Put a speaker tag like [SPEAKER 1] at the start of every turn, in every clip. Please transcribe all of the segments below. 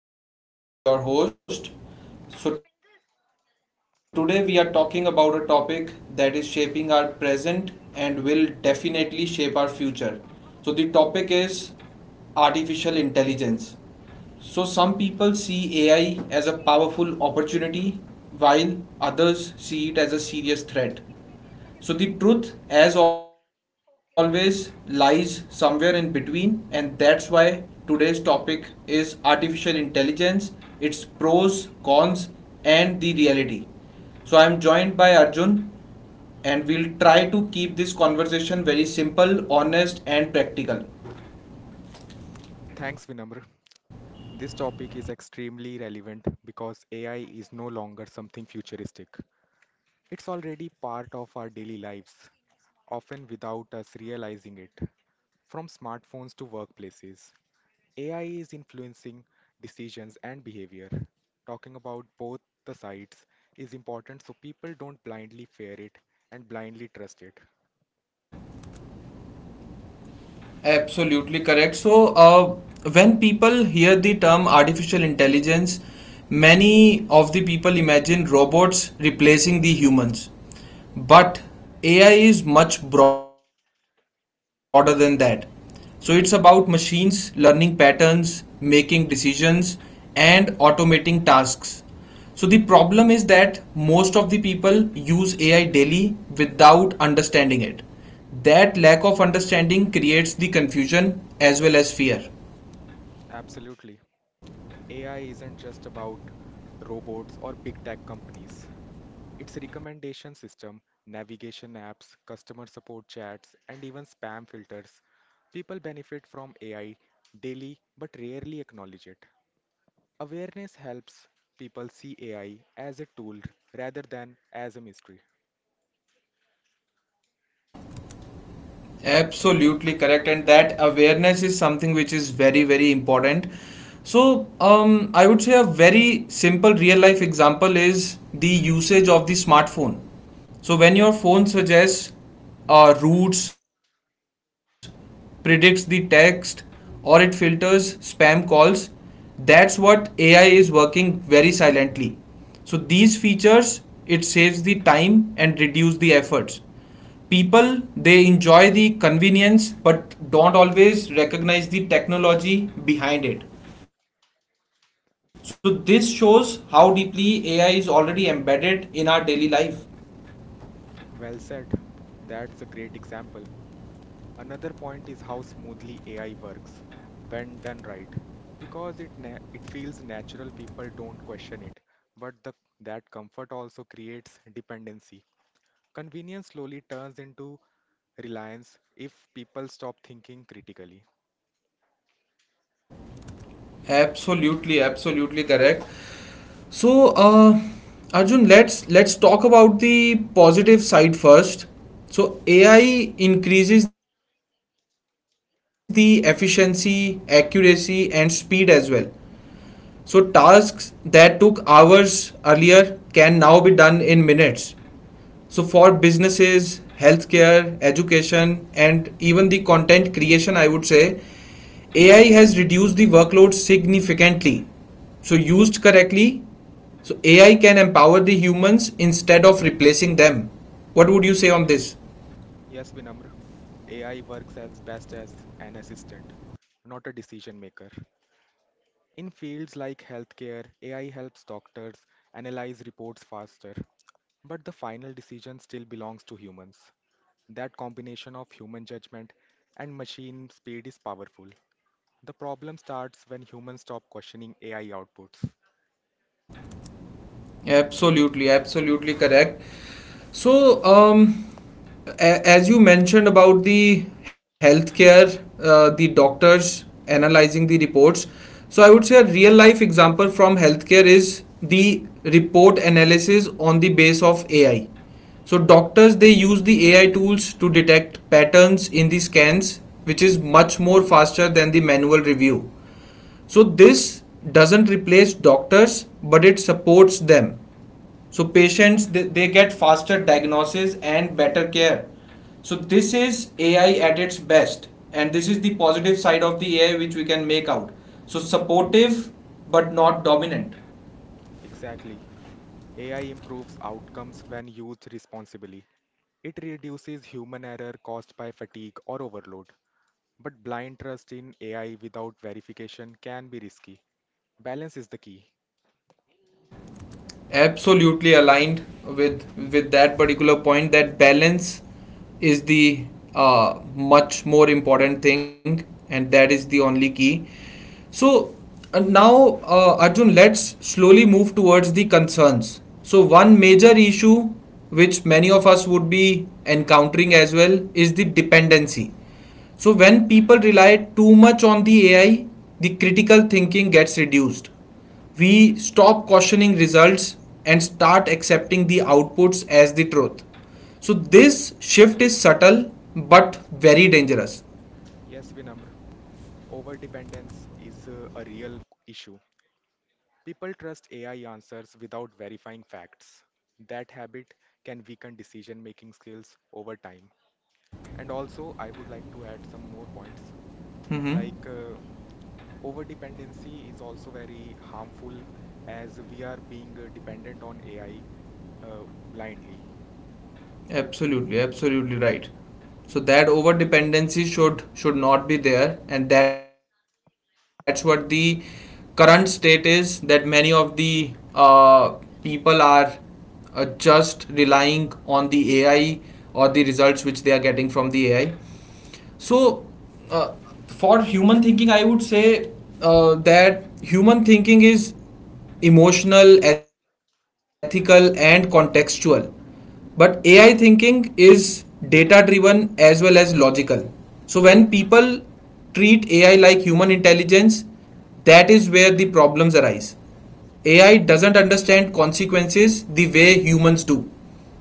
[SPEAKER 1] to the podcast. I am Vinamr, your host. So, today we are talking about a topic that is shaping our present and will definitely shape our future. So, the topic is artificial intelligence. So, some people see AI as a powerful opportunity while others see it as a serious threat. So the truth, as always, lies somewhere in between, and that's why today's topic is artificial intelligence, its pros, cons, and the reality. So I'm joined by Arjun, and we'll try to keep this conversation very simple, honest, and practical.
[SPEAKER 2] Thanks, Vinamr. This topic is extremely relevant because AI is no longer something futuristic. It's already part of our daily lives, often without us realizing it. From smartphones to workplaces, AI is influencing decisions and behavior. Talking about both the sides is important so people don't blindly fear it and blindly trust it.
[SPEAKER 1] Absolutely correct. When people hear the term artificial intelligence, many of the people imagine robots replacing the humans. But AI is much broader than that. So, it's about machines learning patterns, making decisions, and automating tasks. So, the problem is that most of the people use AI daily without understanding it. That lack of understanding creates the confusion as well as fear.
[SPEAKER 2] Absolutely. AI isn't just about robots or big tech companies. Its recommendation system, navigation apps, customer support chats, and even spam filters. People benefit from AI daily but rarely acknowledge it. Awareness helps people see AI as a tool rather than as a mystery.
[SPEAKER 1] Absolutely correct, and that awareness is something which is very, very important. I would say a very simple real life example is the usage of the smartphone. So, when your phone suggests routes, predicts the text, or it filters spam calls, that's what AI is working very silently. So, these features it saves the time and reduce the efforts, people they enjoy the convenience but don't always recognize the technology behind it. So this shows how deeply AI is already embedded in our daily life.
[SPEAKER 2] Well said. That's a great example. Another point is how smoothly AI works when done right. Because it feels natural, people don't question it. But the that comfort also creates dependency. Convenience slowly turns into reliance if people stop thinking critically.
[SPEAKER 1] Absolutely, absolutely correct. so uh, Arjun, let's talk about the positive side first. So AI increases the efficiency, accuracy and speed as well. So tasks that took hours earlier can now be done in minutes. So for businesses, healthcare, education, and even the content creation, I would say AI has reduced the workload significantly. So used correctly, so AI can empower the humans instead of replacing them. What would you say on this?
[SPEAKER 2] Yes, Vinamr, AI works as best as an assistant, not a decision maker. In fields like healthcare, AI helps doctors analyze reports faster, but the final decision still belongs to humans. That combination of human judgment and machine speed is powerful. The problem starts when humans stop questioning AI outputs.
[SPEAKER 1] Absolutely, absolutely correct. So, um, as you mentioned about the healthcare, the doctors analyzing the reports. So, I would say a real life example from healthcare is the report analysis on the base of AI. So, doctors they use the AI tools to detect patterns in the scans, which is much more faster than the manual review. So, this doesn't replace doctors, but it supports them. So patients they get faster diagnosis and better care. So this is AI at its best, and this is the positive side of the AI which we can make out. So supportive but not dominant.
[SPEAKER 2] Exactly. AI improves outcomes when used responsibly. It reduces human error caused by fatigue or overload. But blind trust in AI without verification can be risky. Balance is the key.
[SPEAKER 1] Absolutely aligned with that particular point, that balance is the, much more important thing, and that is the only key. So now, Arjun, let's slowly move towards the concerns. So one major issue which many of us would be encountering as well is the dependency. So when people rely too much on the AI, the critical thinking gets reduced. We stop questioning results and start accepting the outputs as the truth. So, this shift is subtle but very dangerous.
[SPEAKER 2] Yes, Vinamr, overdependence is a real issue. People trust AI answers without verifying facts. That habit can weaken decision making skills over time. And also, I would like to add some more points
[SPEAKER 1] hmm
[SPEAKER 2] like overdependency is also very harmful as we are being dependent on AI blindly.
[SPEAKER 1] Absolutely, absolutely right. So that over dependency should not be there, and that's what the current state is. That many of the uh, people are, just relying on the AI or the results which they are getting from the AI. So, uh, for human thinking, I would say that human thinking is emotional, ethical, and contextual. But AI thinking is data driven as well as logical. So, when people treat AI like human intelligence, that is where the problems arise. AI doesn't understand consequences the way humans do.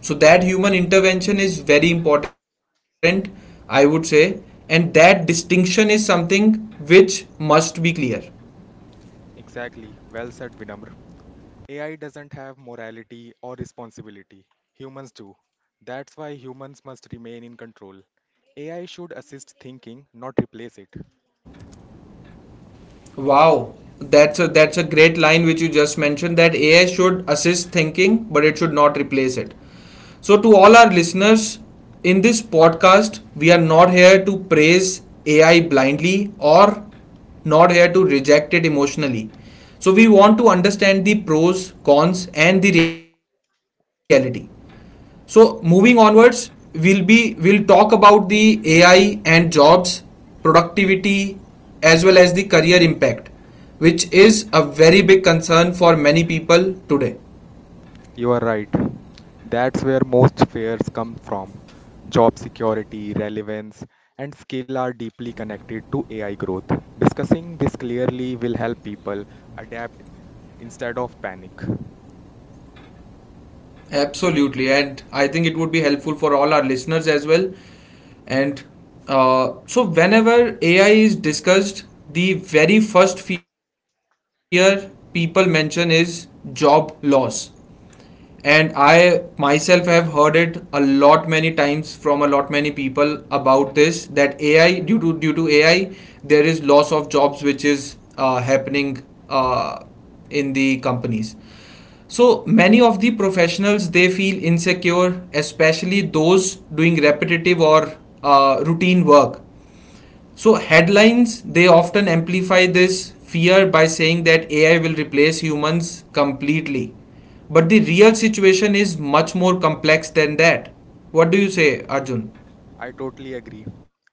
[SPEAKER 1] So, that human intervention is very important, I would say, and that distinction is something which must be clear.
[SPEAKER 2] Exactly. Well said, Vinamr. AI doesn't have morality or responsibility. Humans do. That's why humans must remain in control. AI should assist thinking, not replace it.
[SPEAKER 1] Wow, that's a great line which you just mentioned, that AI should assist thinking, but it should not replace it. So, to all our listeners, in this podcast, we are not here to praise AI blindly or not here to reject it emotionally. So, we want to understand the pros, cons, and the reality. So, moving onwards, we'll talk about the AI and jobs, productivity, as well as the career impact, which is a very big concern for many people today.
[SPEAKER 2] You are right. That's where most fears come from. Job security, relevance, and skill are deeply connected to AI growth. Discussing this clearly will help people adapt instead of panic.
[SPEAKER 1] Absolutely, and I think it would be helpful for all our listeners as well. And so, whenever AI is discussed, the very first fear people mention is job loss. And I myself have heard it a lot many times from a lot many people about this, that AI due to AI there is loss of jobs which is happening, uh, in the companies. So many of the professionals they feel insecure, especially those doing repetitive or routine work. So headlines they often amplify this fear by saying that AI will replace humans completely. But the real situation is much more complex than that. What do you say, Arjun?
[SPEAKER 2] I totally agree.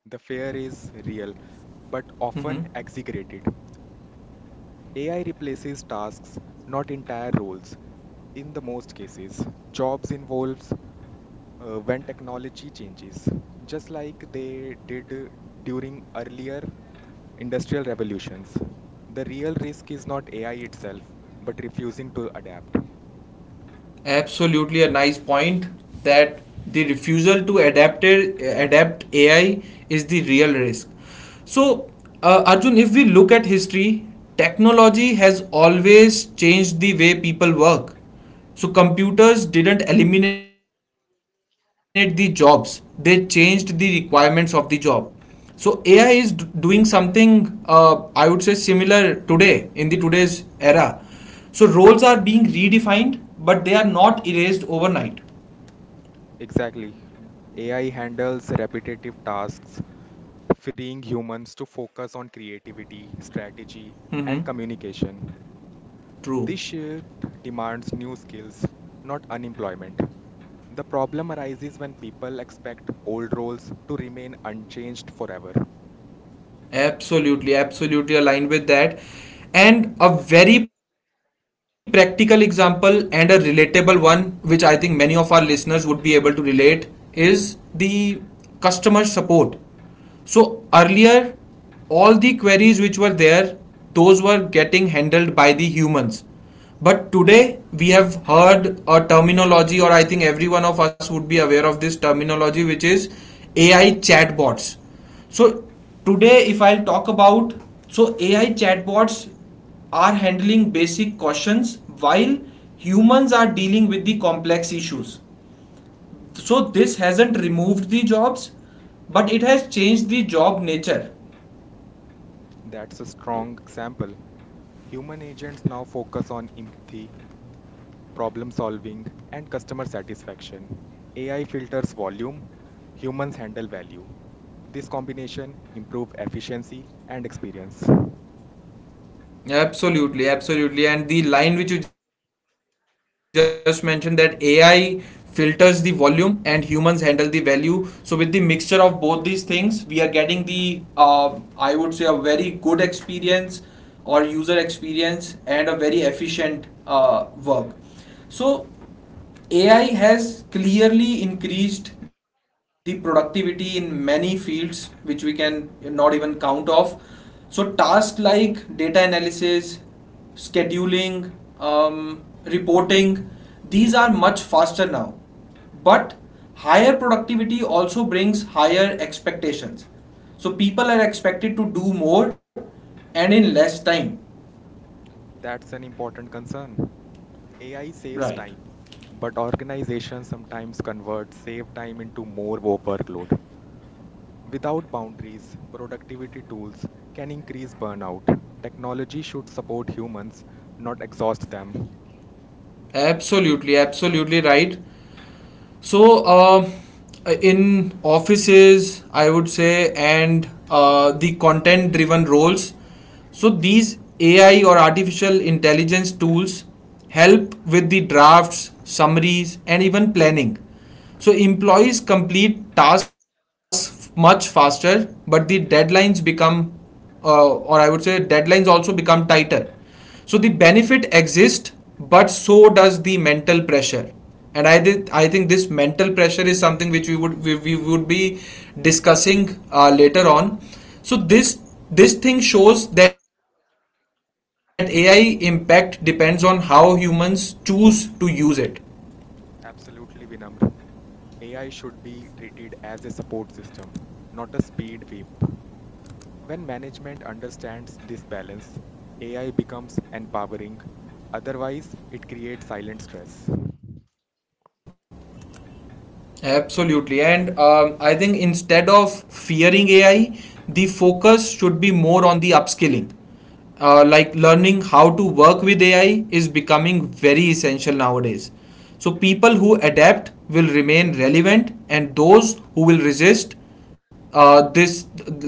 [SPEAKER 2] The fear is real, but
[SPEAKER 1] Mhm.
[SPEAKER 2] often exaggerated. AI replaces tasks, not entire roles. In the most cases, jobs involves when technology changes, just like they did during earlier industrial revolutions. The real risk is not AI itself, but refusing to adapt.
[SPEAKER 1] Absolutely a nice point, that the refusal to adapt it, adapt AI is the real risk. So, Arjun, if we look at history, technology has always changed the way people work. So, computers didn't eliminate the jobs; they changed the requirements of the job. So AI is doing something I would say similar today in the today's era. So roles are being redefined, but they are not erased overnight.
[SPEAKER 2] Exactly. AI handles repetitive tasks, freeing humans to focus on
[SPEAKER 1] Hmm.
[SPEAKER 2] creativity, strategy, and communication.
[SPEAKER 1] True.
[SPEAKER 2] This shift demands new skills, not unemployment. The problem arises when people expect old roles to remain unchanged forever.
[SPEAKER 1] Absolutely, absolutely aligned with that. And a very practical example and a relatable one, which I think many of our listeners would be able to relate, is the customer support. So earlier, all the queries which were there, those were getting handled by the humans. But today, we have heard a terminology, or I think every one of us would be aware of this terminology, which is AI chatbots. So today, if I'll talk about, so AI chatbots are handling basic questions while humans are dealing with the complex issues. So this hasn't removed the jobs, but it has changed the job nature.
[SPEAKER 2] That's a strong example. Human agents now focus on empathy, problem solving, and customer satisfaction. AI filters volume, humans handle value. This combination improve efficiency and experience.
[SPEAKER 1] Absolutely, absolutely. And the line which you just mentioned, that AI filters the volume and humans handle the value. So, with the mixture of both these things, we are getting the, I would say, a very good experience or user experience, and a very efficient work. So, AI has clearly increased the productivity in many fields, which we can not even count off. So, tasks like data analysis, scheduling, um, reporting, these are much faster now. But higher productivity also brings higher expectations. So, people are expected to do more and in less time.
[SPEAKER 2] That's an important concern. AI saves time,
[SPEAKER 1] Right.
[SPEAKER 2] but organizations sometimes convert saved time into more workload. Without boundaries, productivity tools can increase burnout. Technology should support humans, not exhaust them.
[SPEAKER 1] Absolutely, absolutely right. So, in offices, I would say, and the content driven roles, so these AI or artificial intelligence tools help with the drafts, summaries, and even planning. So, employees complete tasks much faster, but the deadlines become, or I would say, deadlines also become tighter. So the benefit exists, but so does the mental pressure. And I think this mental pressure is something which we would be discussing later on. So this thing shows that AI impact depends on how humans choose to use it.
[SPEAKER 2] Absolutely, Vinamr. AI should be treated as a support system, not a speed whip. When management understands this balance, AI becomes empowering. Otherwise, it creates silent stress.
[SPEAKER 1] Absolutely. And I think instead of fearing AI, the focus should be more on the upskilling. Like learning how to work with AI is becoming very essential nowadays. So people who adapt will remain relevant, and those who will resist, this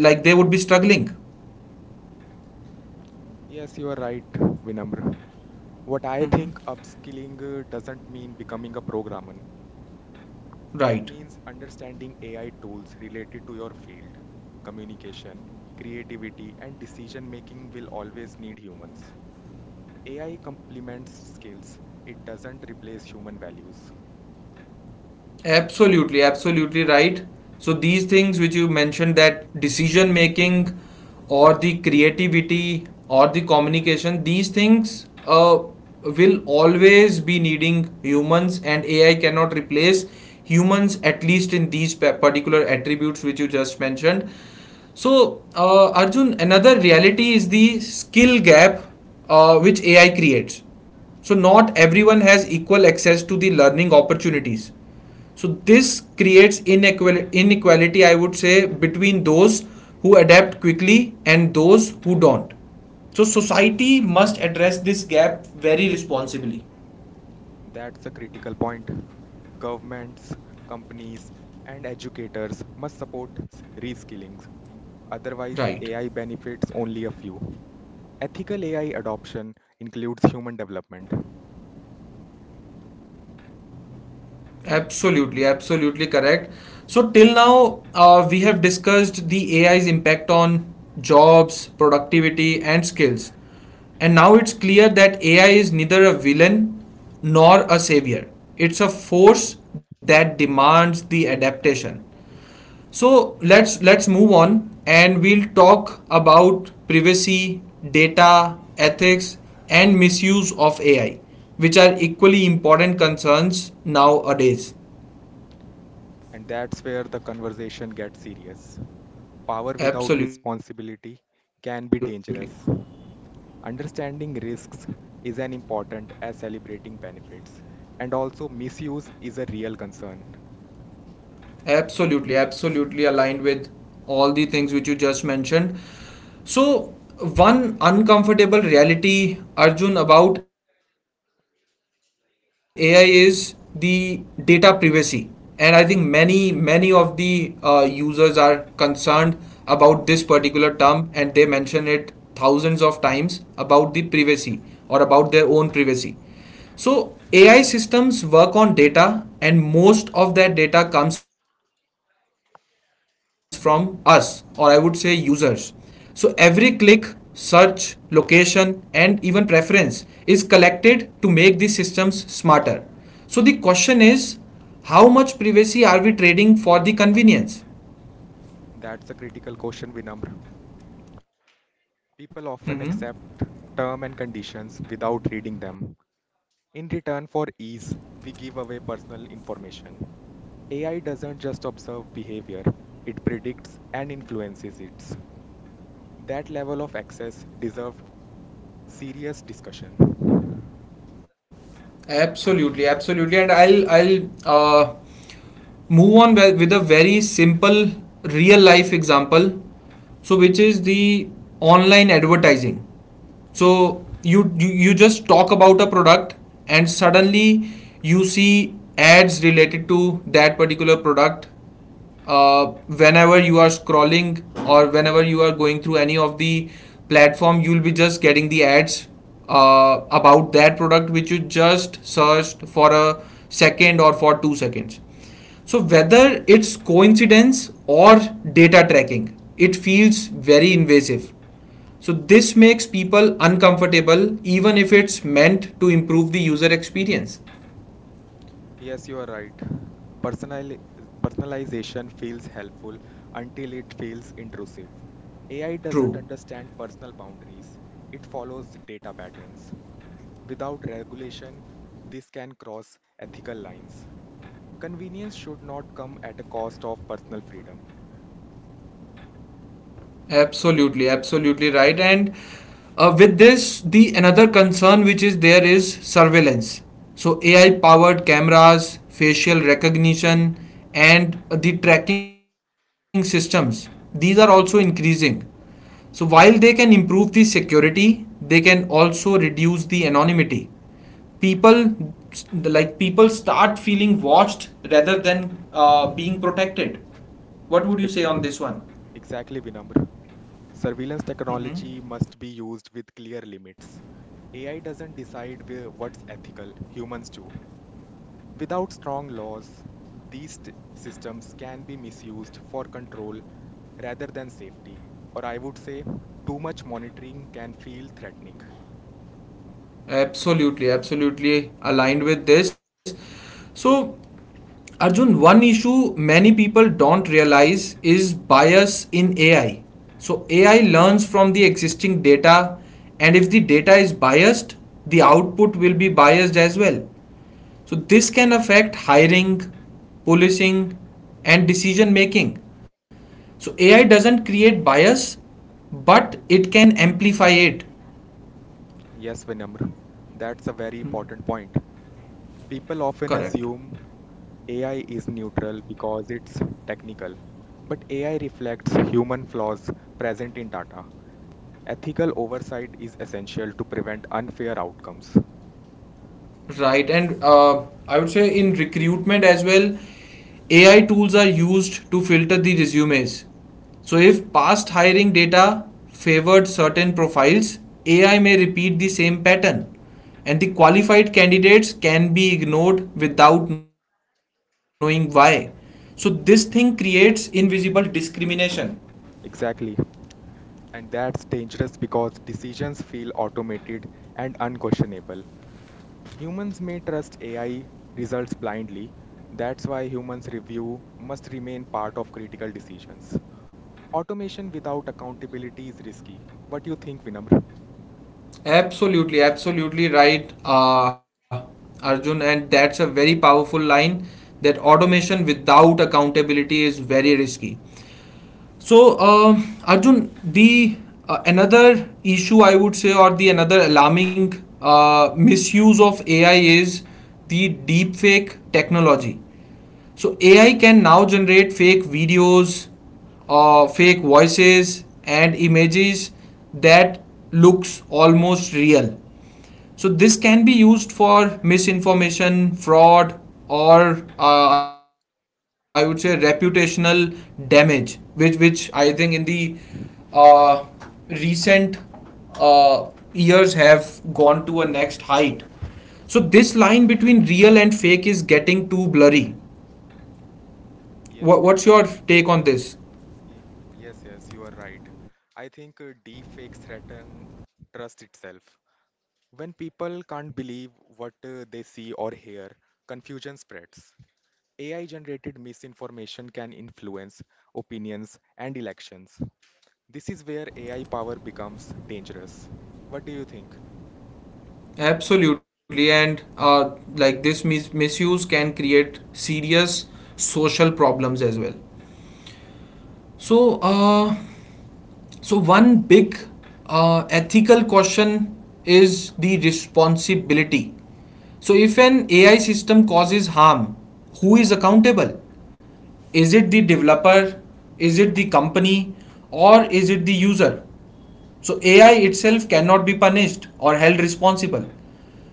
[SPEAKER 1] like they would be struggling.
[SPEAKER 2] Yes, you are right, Vinamr. What I think
[SPEAKER 1] Mhm.
[SPEAKER 2] upskilling doesn't mean becoming a programmer. It
[SPEAKER 1] Right.
[SPEAKER 2] means understanding AI tools related to your field. Communication, creativity, and decision making will always need humans. AI complements skills, it doesn't replace human values.
[SPEAKER 1] Absolutely, absolutely right. So these things which you mentioned, that decision making or the creativity or the communication, these things will always be needing humans and AI cannot replace humans at least in these particular attributes which you just mentioned. So, Arjun, another reality is the skill gap which AI creates. So, not everyone has equal access to the learning opportunities. So, this creates inequality, I would say, between those who adapt quickly and those who don't. So, society must address this gap very responsibly.
[SPEAKER 2] That's a critical point. Governments, companies, and educators must support reskilling. Otherwise,
[SPEAKER 1] Right.
[SPEAKER 2] AI benefits only a few. Ethical AI adoption includes human development.
[SPEAKER 1] Absolutely, absolutely correct. So, till now, we have discussed the AI's impact on jobs, productivity, and skills. And now it's clear that AI is neither a villain nor a savior, it's a force that demands the adaptation. So let's move on and we'll talk about privacy, data, ethics and misuse of AI which are equally important concerns nowadays.
[SPEAKER 2] And that's where the conversation gets serious. Power without
[SPEAKER 1] Absolutely.
[SPEAKER 2] responsibility can be dangerous. Understanding risks is as important as celebrating benefits. And also, misuse is a real concern.
[SPEAKER 1] Absolutely, absolutely aligned with all the things which you just mentioned. So, one uncomfortable reality, Arjun, about AI is the data privacy. And I think many of the users are concerned about this particular term, and they mention it thousands of times about the privacy or about their own privacy. So, AI systems work on data, and most of that data comes from us, or I would say users. So every click, search, location, and even preference is collected to make the systems smarter. So the question is, how much privacy are we trading for the convenience?
[SPEAKER 2] That's a critical question, Vinamr.
[SPEAKER 1] Mm-hmm.
[SPEAKER 2] People often accept term and conditions without reading them. In return for ease, we give away personal information. AI doesn't just observe behavior, it predicts and influences it. That level of access deserves serious discussion.
[SPEAKER 1] Absolutely, and I'll move on with a very simple real life example, which is the online advertising. So you just talk about a product and suddenly you see ads related to that particular product uh, whenever you are scrolling or whenever you are going through any of the platform, you'll be just getting the ads about that product which you just searched for a second or for 2 seconds. So whether it's coincidence or data tracking, it feels very invasive. So this makes people uncomfortable even if it's meant to improve the user experience.
[SPEAKER 2] Yes, you are right. Personali- Personalization feels helpful until it feels intrusive. AI doesn't
[SPEAKER 1] True.
[SPEAKER 2] understand personal boundaries, it follows data patterns. Without regulation, this can cross ethical lines. Convenience should not come at a cost of personal freedom.
[SPEAKER 1] Absolutely, absolutely right. And with this, the another concern which is there is surveillance. So AI powered cameras, facial recognition, and the tracking systems, these are also increasing. So while they can improve the security, they can also reduce the anonymity. People like, people start feeling watched rather than being protected. What would you say on
[SPEAKER 2] E-
[SPEAKER 1] this one?
[SPEAKER 2] Exactly, Vinamr. Surveillance
[SPEAKER 1] Mm-hmm.
[SPEAKER 2] technology must be used with clear limits. AI doesn't decide where, what's ethical, humans do. Without strong laws, these systems can be misused for control rather than safety. Or I would say, too much monitoring can feel threatening.
[SPEAKER 1] Absolutely, absolutely aligned with this. So Arjun, one issue many people don't realize is bias in AI. So AI learns from the existing data, and if the data is biased, the output will be biased as well. So this can affect hiring, policing, and decision making. So AI doesn't create bias, but it can amplify it.
[SPEAKER 2] Yes, Vinamr, that's a very important point. People often
[SPEAKER 1] Correct.
[SPEAKER 2] assume AI is neutral because it's technical, but AI reflects human flaws present in data. Ethical oversight is essential to prevent unfair outcomes.
[SPEAKER 1] Right, and I would say in recruitment as well, AI tools are used to filter the resumes. So if past hiring data favored certain profiles, AI may repeat the same pattern, and the qualified candidates can be ignored without knowing why. So this thing creates invisible discrimination.
[SPEAKER 2] Exactly. And that's dangerous because decisions feel automated and unquestionable. Humans may trust AI results blindly. That's why humans' review must remain part of critical decisions. Automation without accountability is risky. What do you think, Vinamr?
[SPEAKER 1] Absolutely, absolutely right, Arjun. And that's a very powerful line that automation without accountability is very risky. So, Arjun, the another issue I would say, or the another alarming misuse of AI is the deepfake technology. So AI can now generate fake videos, fake voices, and images that looks almost real. So this can be used for misinformation, fraud, or I would say reputational damage, which I think in the uh, recent uh, years have gone to a next height. So this line between real and fake is getting too blurry.
[SPEAKER 2] Yes,
[SPEAKER 1] What,
[SPEAKER 2] Vinamr.
[SPEAKER 1] what's your take on this?
[SPEAKER 2] Ye- yes, you are right. I think deepfakes threaten trust itself. When people can't believe what they see or hear, confusion spreads. AI generated misinformation can influence opinions and elections. This is where AI power becomes dangerous. What do you think?
[SPEAKER 1] Absolutely, and like this misuse can create serious social problems as well. So uh, So one big ethical question is the responsibility. So if an AI system causes harm, who is accountable? Is it the developer? Is it the company? Or is it the user? So AI itself cannot be punished or held responsible.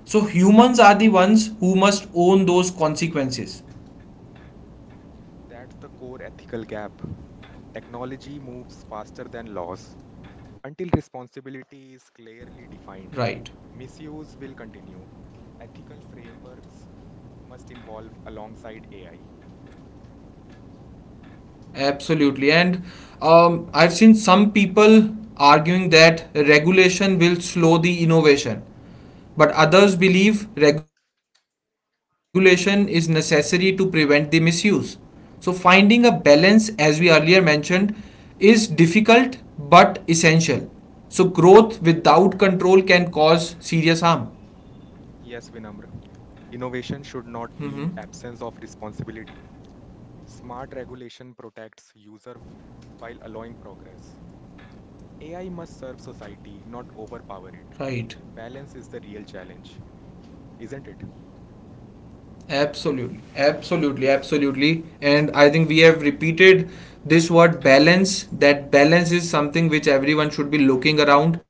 [SPEAKER 1] So humans are the ones who must own those consequences.
[SPEAKER 2] That's the core ethical gap. Technology moves faster than laws. Until
[SPEAKER 1] Right.
[SPEAKER 2] responsibility is clearly defined, misuse will continue. Ethical frameworks must evolve alongside AI.
[SPEAKER 1] Absolutely. And I've seen some people arguing that regulation will slow the innovation, but others believe regulation is necessary to prevent the misuse. So finding a balance, as we earlier mentioned, is difficult but essential. So growth without control can cause serious harm.
[SPEAKER 2] Yes, Vinamr. Innovation should not
[SPEAKER 1] Mhm.
[SPEAKER 2] mean absence of responsibility. Smart regulation protects while allowing progress. AI must serve society, not
[SPEAKER 1] Right.
[SPEAKER 2] overpower it. Balance is the real challenge, isn't it?
[SPEAKER 1] Absolutely. And I think we have repeated this word balance. That balance is something which everyone should be looking around.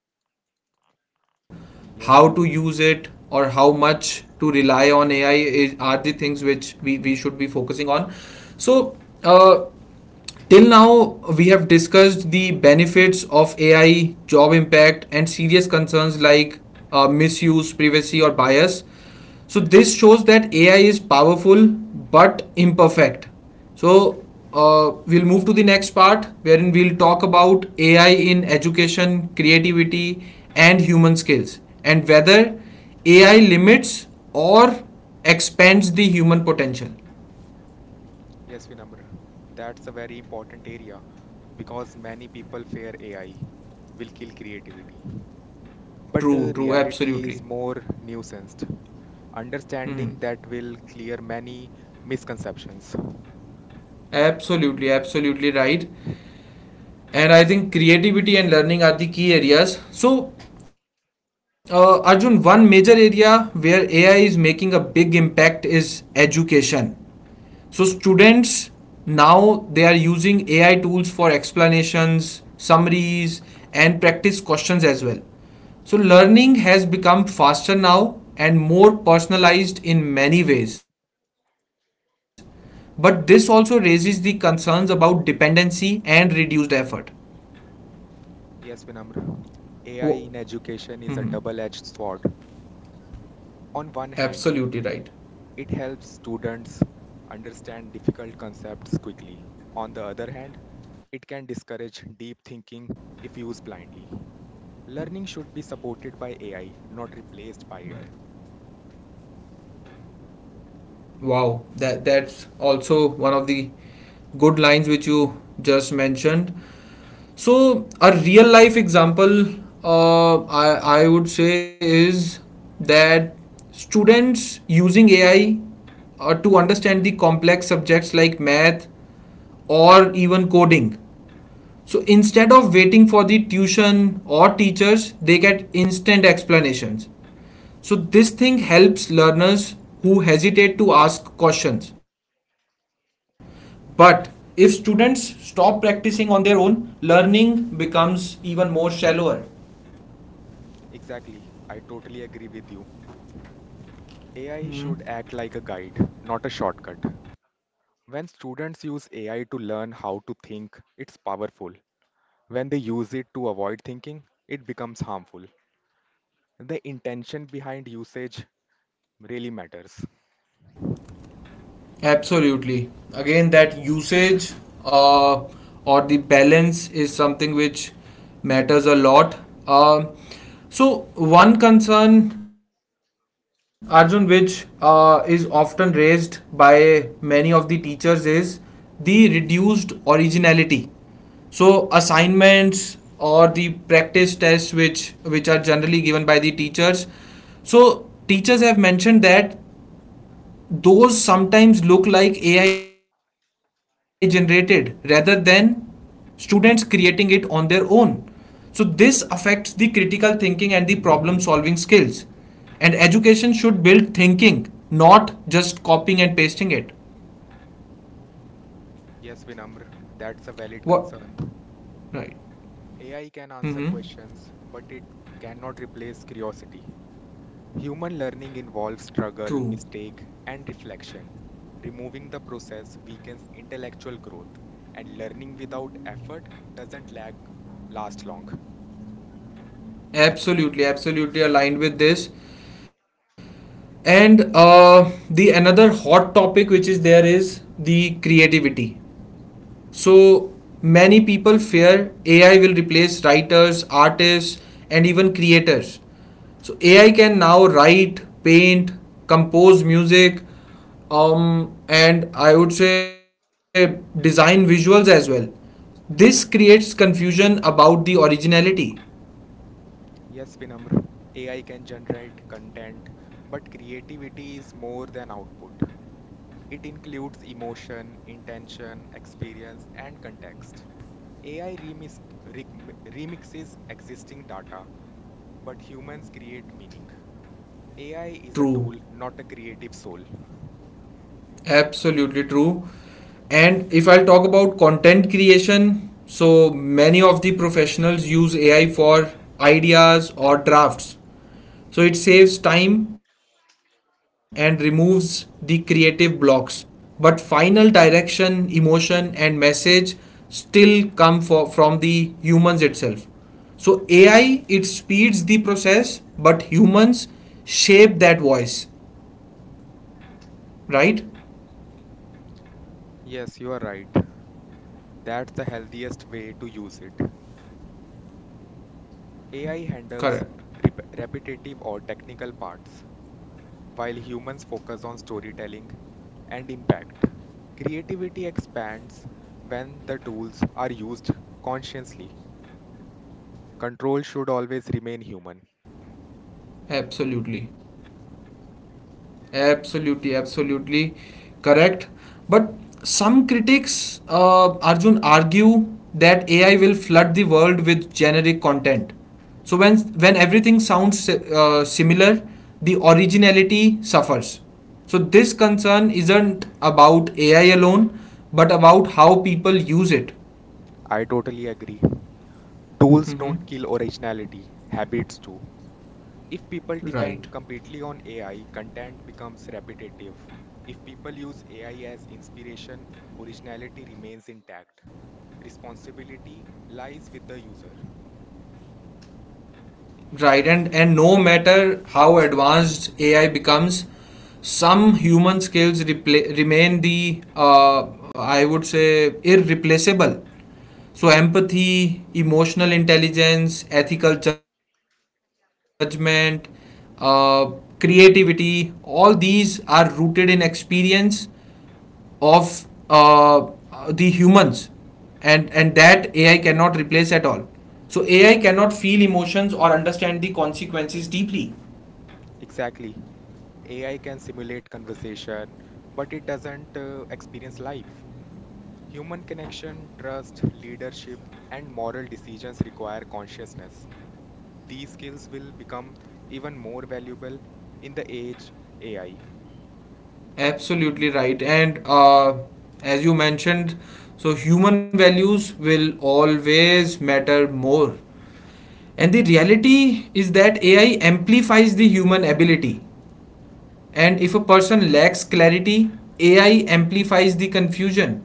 [SPEAKER 1] How to use it or
[SPEAKER 2] Yes,
[SPEAKER 1] how
[SPEAKER 2] Vinamr.
[SPEAKER 1] much to rely on AI is are the things which we should be focusing on. So uh, till now we have discussed the benefits of AI, job impact, and serious concerns like misuse, privacy, or bias. So this shows that AI is powerful but imperfect. So we'll move to the next part wherein we'll talk about AI in education, creativity, and human skills, and whether AI limits or expands the human potential.
[SPEAKER 2] Yes, Vinamr. That's a very important area because many people fear AI will kill creativity. But
[SPEAKER 1] True, true,
[SPEAKER 2] reality
[SPEAKER 1] absolutely.
[SPEAKER 2] is more nuanced.
[SPEAKER 1] Hmm.
[SPEAKER 2] Understanding that will clear many misconceptions.
[SPEAKER 1] Absolutely, absolutely right. And I think creativity and learning are the key areas. So, Arjun, one major area where AI is making a big impact is education. So students now they are using AI tools for explanations, summaries, and practice questions as well. So learning has become faster now and more personalized in many ways. But this also raises the concerns about dependency and reduced effort.
[SPEAKER 2] Yes, Vinamr.
[SPEAKER 1] Oh, Wo-
[SPEAKER 2] AI in
[SPEAKER 1] Mhm.
[SPEAKER 2] education is a double-edged sword. On one hand,
[SPEAKER 1] Absolutely right.
[SPEAKER 2] it helps students understand difficult concepts quickly. On the other hand, it can discourage deep thinking if used blindly. Learning should be supported by AI, not
[SPEAKER 1] Right.
[SPEAKER 2] replaced by it.
[SPEAKER 1] Wow, that's also one of the good lines which you just mentioned. So a real life example, I would say is that students using AI to understand the complex subjects like math or even coding. So instead of waiting for the tuition or teachers, they get instant explanations. So this thing helps learners who hesitate to ask questions. But if students stop practicing on their own, learning becomes even more shallower.
[SPEAKER 2] Exactly, I totally agree with you. AI should act like a guide, not a shortcut. When students use AI to learn how to think, it's powerful. When they use it to avoid thinking, it becomes harmful. The intention behind usage really matters.
[SPEAKER 1] Absolutely. Again, that usage uh, or the balance is something which matters a lot. Um so, one concern, Arjun, which is often raised by many of the teachers is the reduced originality. So assignments or the practice tests, which are generally given by the teachers, so teachers have mentioned that those sometimes look like AI generated rather than students creating it on their own. So this affects the critical thinking and the problem solving skills. And education should build thinking, not just copying and pasting it.
[SPEAKER 2] Yes, Vinamr, that's a
[SPEAKER 1] What?
[SPEAKER 2] valid concern.
[SPEAKER 1] Right. Mm-hmm.
[SPEAKER 2] AI can answer questions, but it cannot replace curiosity. Human learning involves
[SPEAKER 1] True.
[SPEAKER 2] struggle, mistake, and reflection. Removing the process weakens intellectual growth, and learning without effort doesn't last long.
[SPEAKER 1] Absolutely, absolutely aligned with this. And the another hot topic which is there is the creativity. So many people fear AI will replace writers, artists, and even creators. So AI can now write, paint, compose music, and I would say design visuals as well. This creates confusion about the originality.
[SPEAKER 2] Yes, Vinamr, AI can generate content, but creativity is more than output. It includes emotion, intention, experience, and context. AI remix, re, m- remixes existing data, but humans create meaning. AI is a
[SPEAKER 1] True,
[SPEAKER 2] tool, not a creative soul.
[SPEAKER 1] absolutely true. And if I'll talk about content creation, so many of the professionals use AI for ideas or drafts. So it saves time and removes the creative blocks. But final direction, emotion, and message still from the humans itself. So AI it speeds the process, but humans shape that voice, right? Correct. Absolutely. Absolutely, correct. But some critics, Arjun, argue that AI will flood the world with generic content. So when everything sounds similar, the originality suffers. So this concern isn't about AI alone, but about how people use it. Hmm. Right. Right, and no matter how advanced AI becomes, some human skills remain the, I would say, irreplaceable. So empathy, emotional intelligence, ethical judgment, uh, creativity, all these are rooted in experience of uh, the humans, and that AI cannot replace at all. So AI cannot feel emotions or understand the consequences deeply. Absolutely right. And as you mentioned, so human values will always matter more. And the reality is that AI amplifies the human ability, and if a person lacks clarity, AI amplifies the confusion.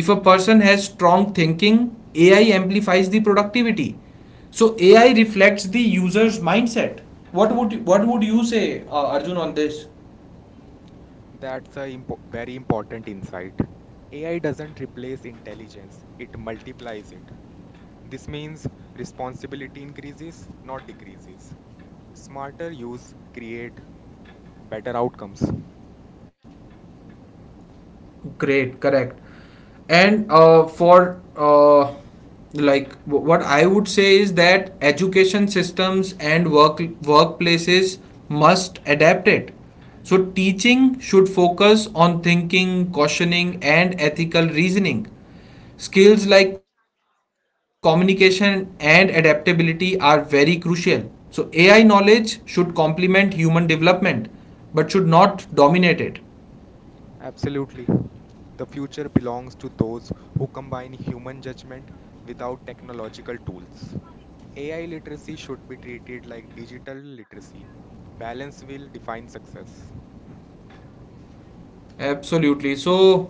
[SPEAKER 1] If a person has strong thinking, AI amplifies the productivity. So AI reflects the user's mindset. What would you say, Arjun, on this? Great, correct. And what I would say is that education systems and workplaces must adapt it. So teaching should focus on thinking, cautioning, and ethical reasoning. Skills like communication and adaptability are very crucial. So AI knowledge should complement human development but should not dominate it. Absolutely. So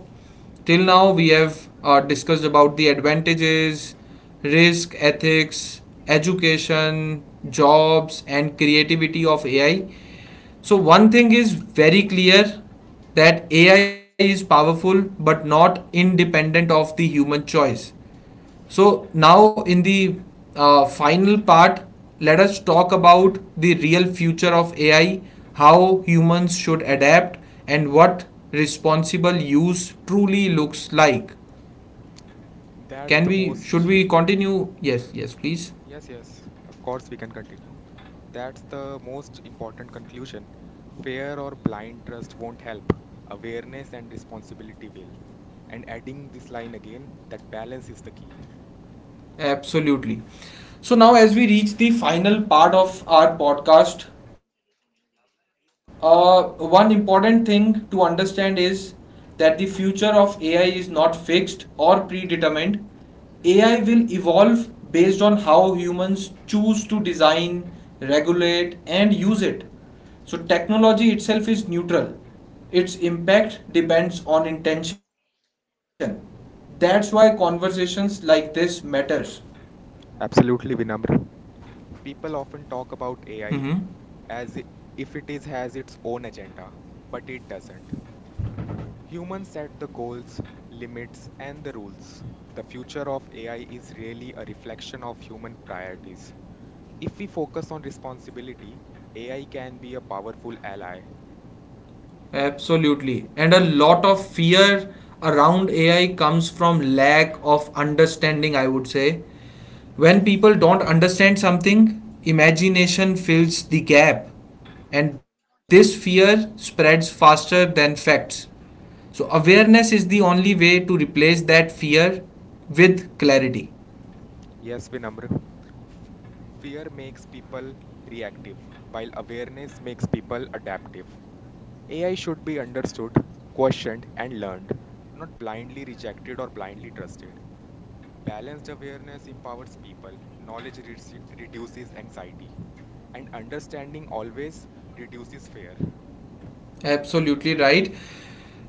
[SPEAKER 1] till now we have discussed about the advantages, risk, ethics, education, jobs, and creativity of AI. So one thing is very clear, that AI is powerful but not independent of the human choice. So now in the final part, let us talk about the real future of AI, how humans should adapt, and what responsible use truly looks like. Can we? Should we continue? Yes, yes, please. Absolutely. So now, as we reach the final part of our podcast, one important thing to understand is that the future of AI is not fixed or predetermined. AI will evolve based on how humans choose to design, regulate, and use it. So technology itself is neutral, its impact depends on intention. That's why conversations like this matters. Mm-hmm. Absolutely. And a lot of fear around AI comes from lack of understanding, I would say. When people don't understand something, imagination fills the gap, and this fear spreads faster than facts. So awareness is the only way to replace that fear with clarity. Absolutely right.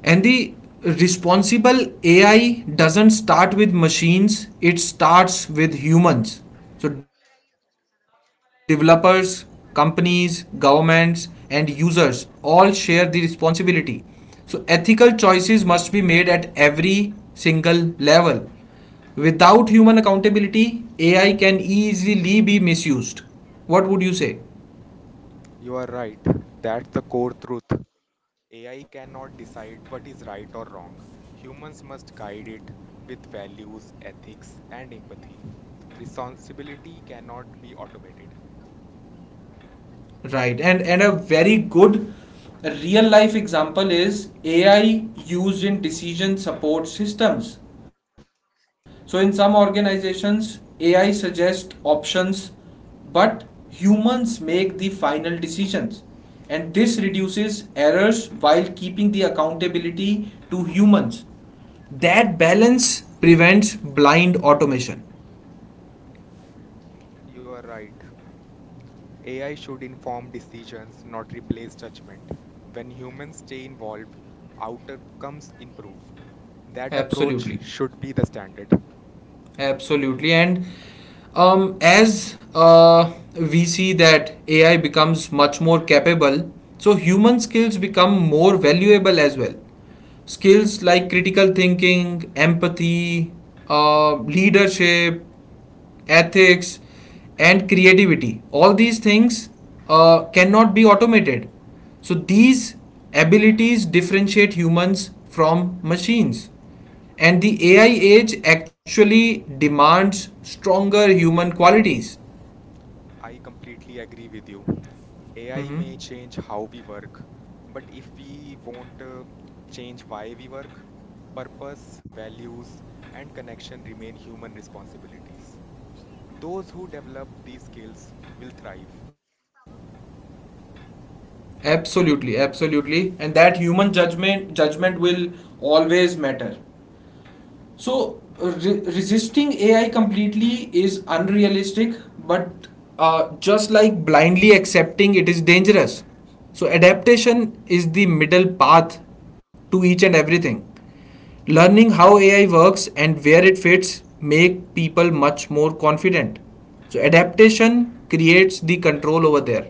[SPEAKER 1] And the responsible AI doesn't start with machines, it starts with humans. So developers, companies, governments, and users all share the responsibility. So ethical choices must be made at every single level. Without human accountability, AI can easily be misused. What would you say? Right. And a very good real life example is AI used in decision support systems. So in some organizations AI suggests options, but humans make the final decisions, and this reduces errors while keeping the accountability to humans. That balance prevents blind automation. Absolutely. Absolutely. And as we see that AI becomes much more capable, so human skills become more valuable as well. Skills like critical thinking, empathy, leadership, ethics, and creativity, all these things cannot be automated. So these abilities differentiate humans from machines. And the AI age actually demands stronger human qualities. Mhm. Absolutely, absolutely. And that human judgment will always matter. So resisting AI completely is unrealistic, but just like blindly accepting it is dangerous. So adaptation is the middle path to each and everything. Learning how AI works and where it fits make people much more confident. So adaptation creates the control over there.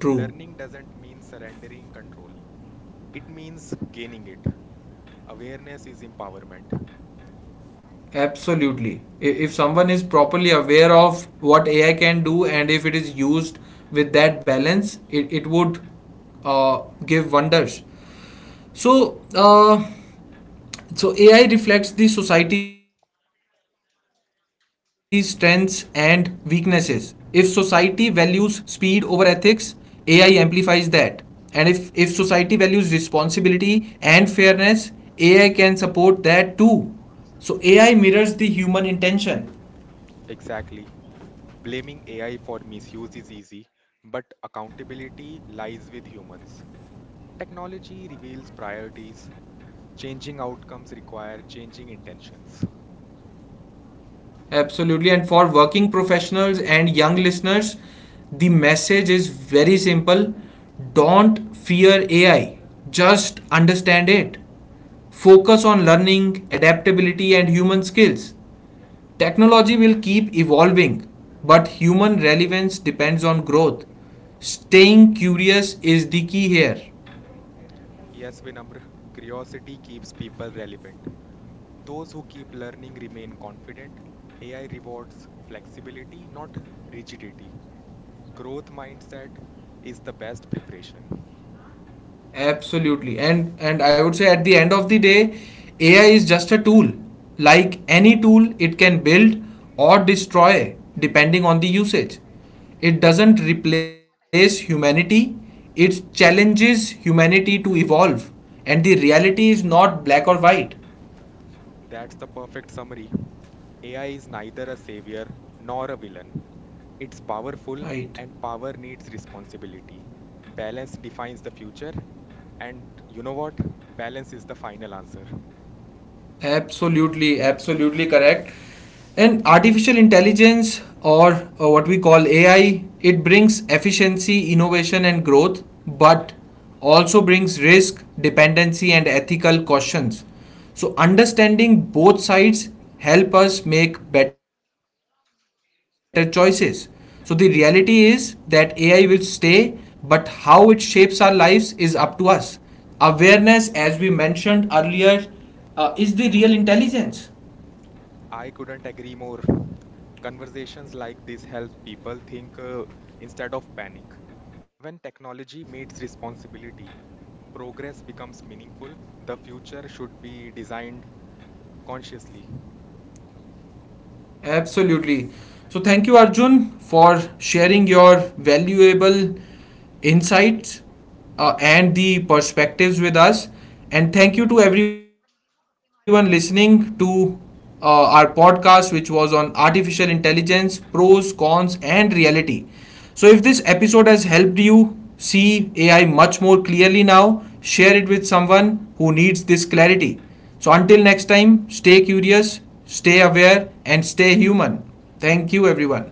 [SPEAKER 1] True. Absolutely. I- If someone is properly aware of what AI can do and if it is used with that balance, it would give wonders. So, uh, so AI reflects the society's strengths and weaknesses. If society values speed over ethics, AI amplifies that. And if society values responsibility and fairness, AI can support that too. So AI mirrors the human intention. Absolutely. And for working professionals and young listeners, the message is very simple: don't fear AI, just understand it. Focus on learning, adaptability, and human skills. Technology will keep evolving, but human relevance depends on growth. Staying curious is the key here. Absolutely. And I would say at the end of the day, AI is just a tool. Like any tool, it can build or destroy depending on the usage. It doesn't replace humanity. It challenges humanity to evolve. And the reality is not black or white. Right. Absolutely, absolutely correct. And artificial intelligence, or what we call AI, it brings efficiency, innovation, and growth, but also brings risk, dependency, and ethical questions. So understanding both sides help us make better choices. So the reality is that AI will stay, but how it shapes our lives is up to us. Awareness, as we mentioned earlier, is the real intelligence. Absolutely. So thank you, Arjun, for sharing your valuable insights and the perspectives with us. And thank you to everyone listening to our podcast, which was on artificial intelligence, pros, cons, and reality. So if this episode has helped you see AI much more clearly now, share it with someone who needs this clarity. So until next time, stay curious, stay aware, and stay human. Thank you, everyone.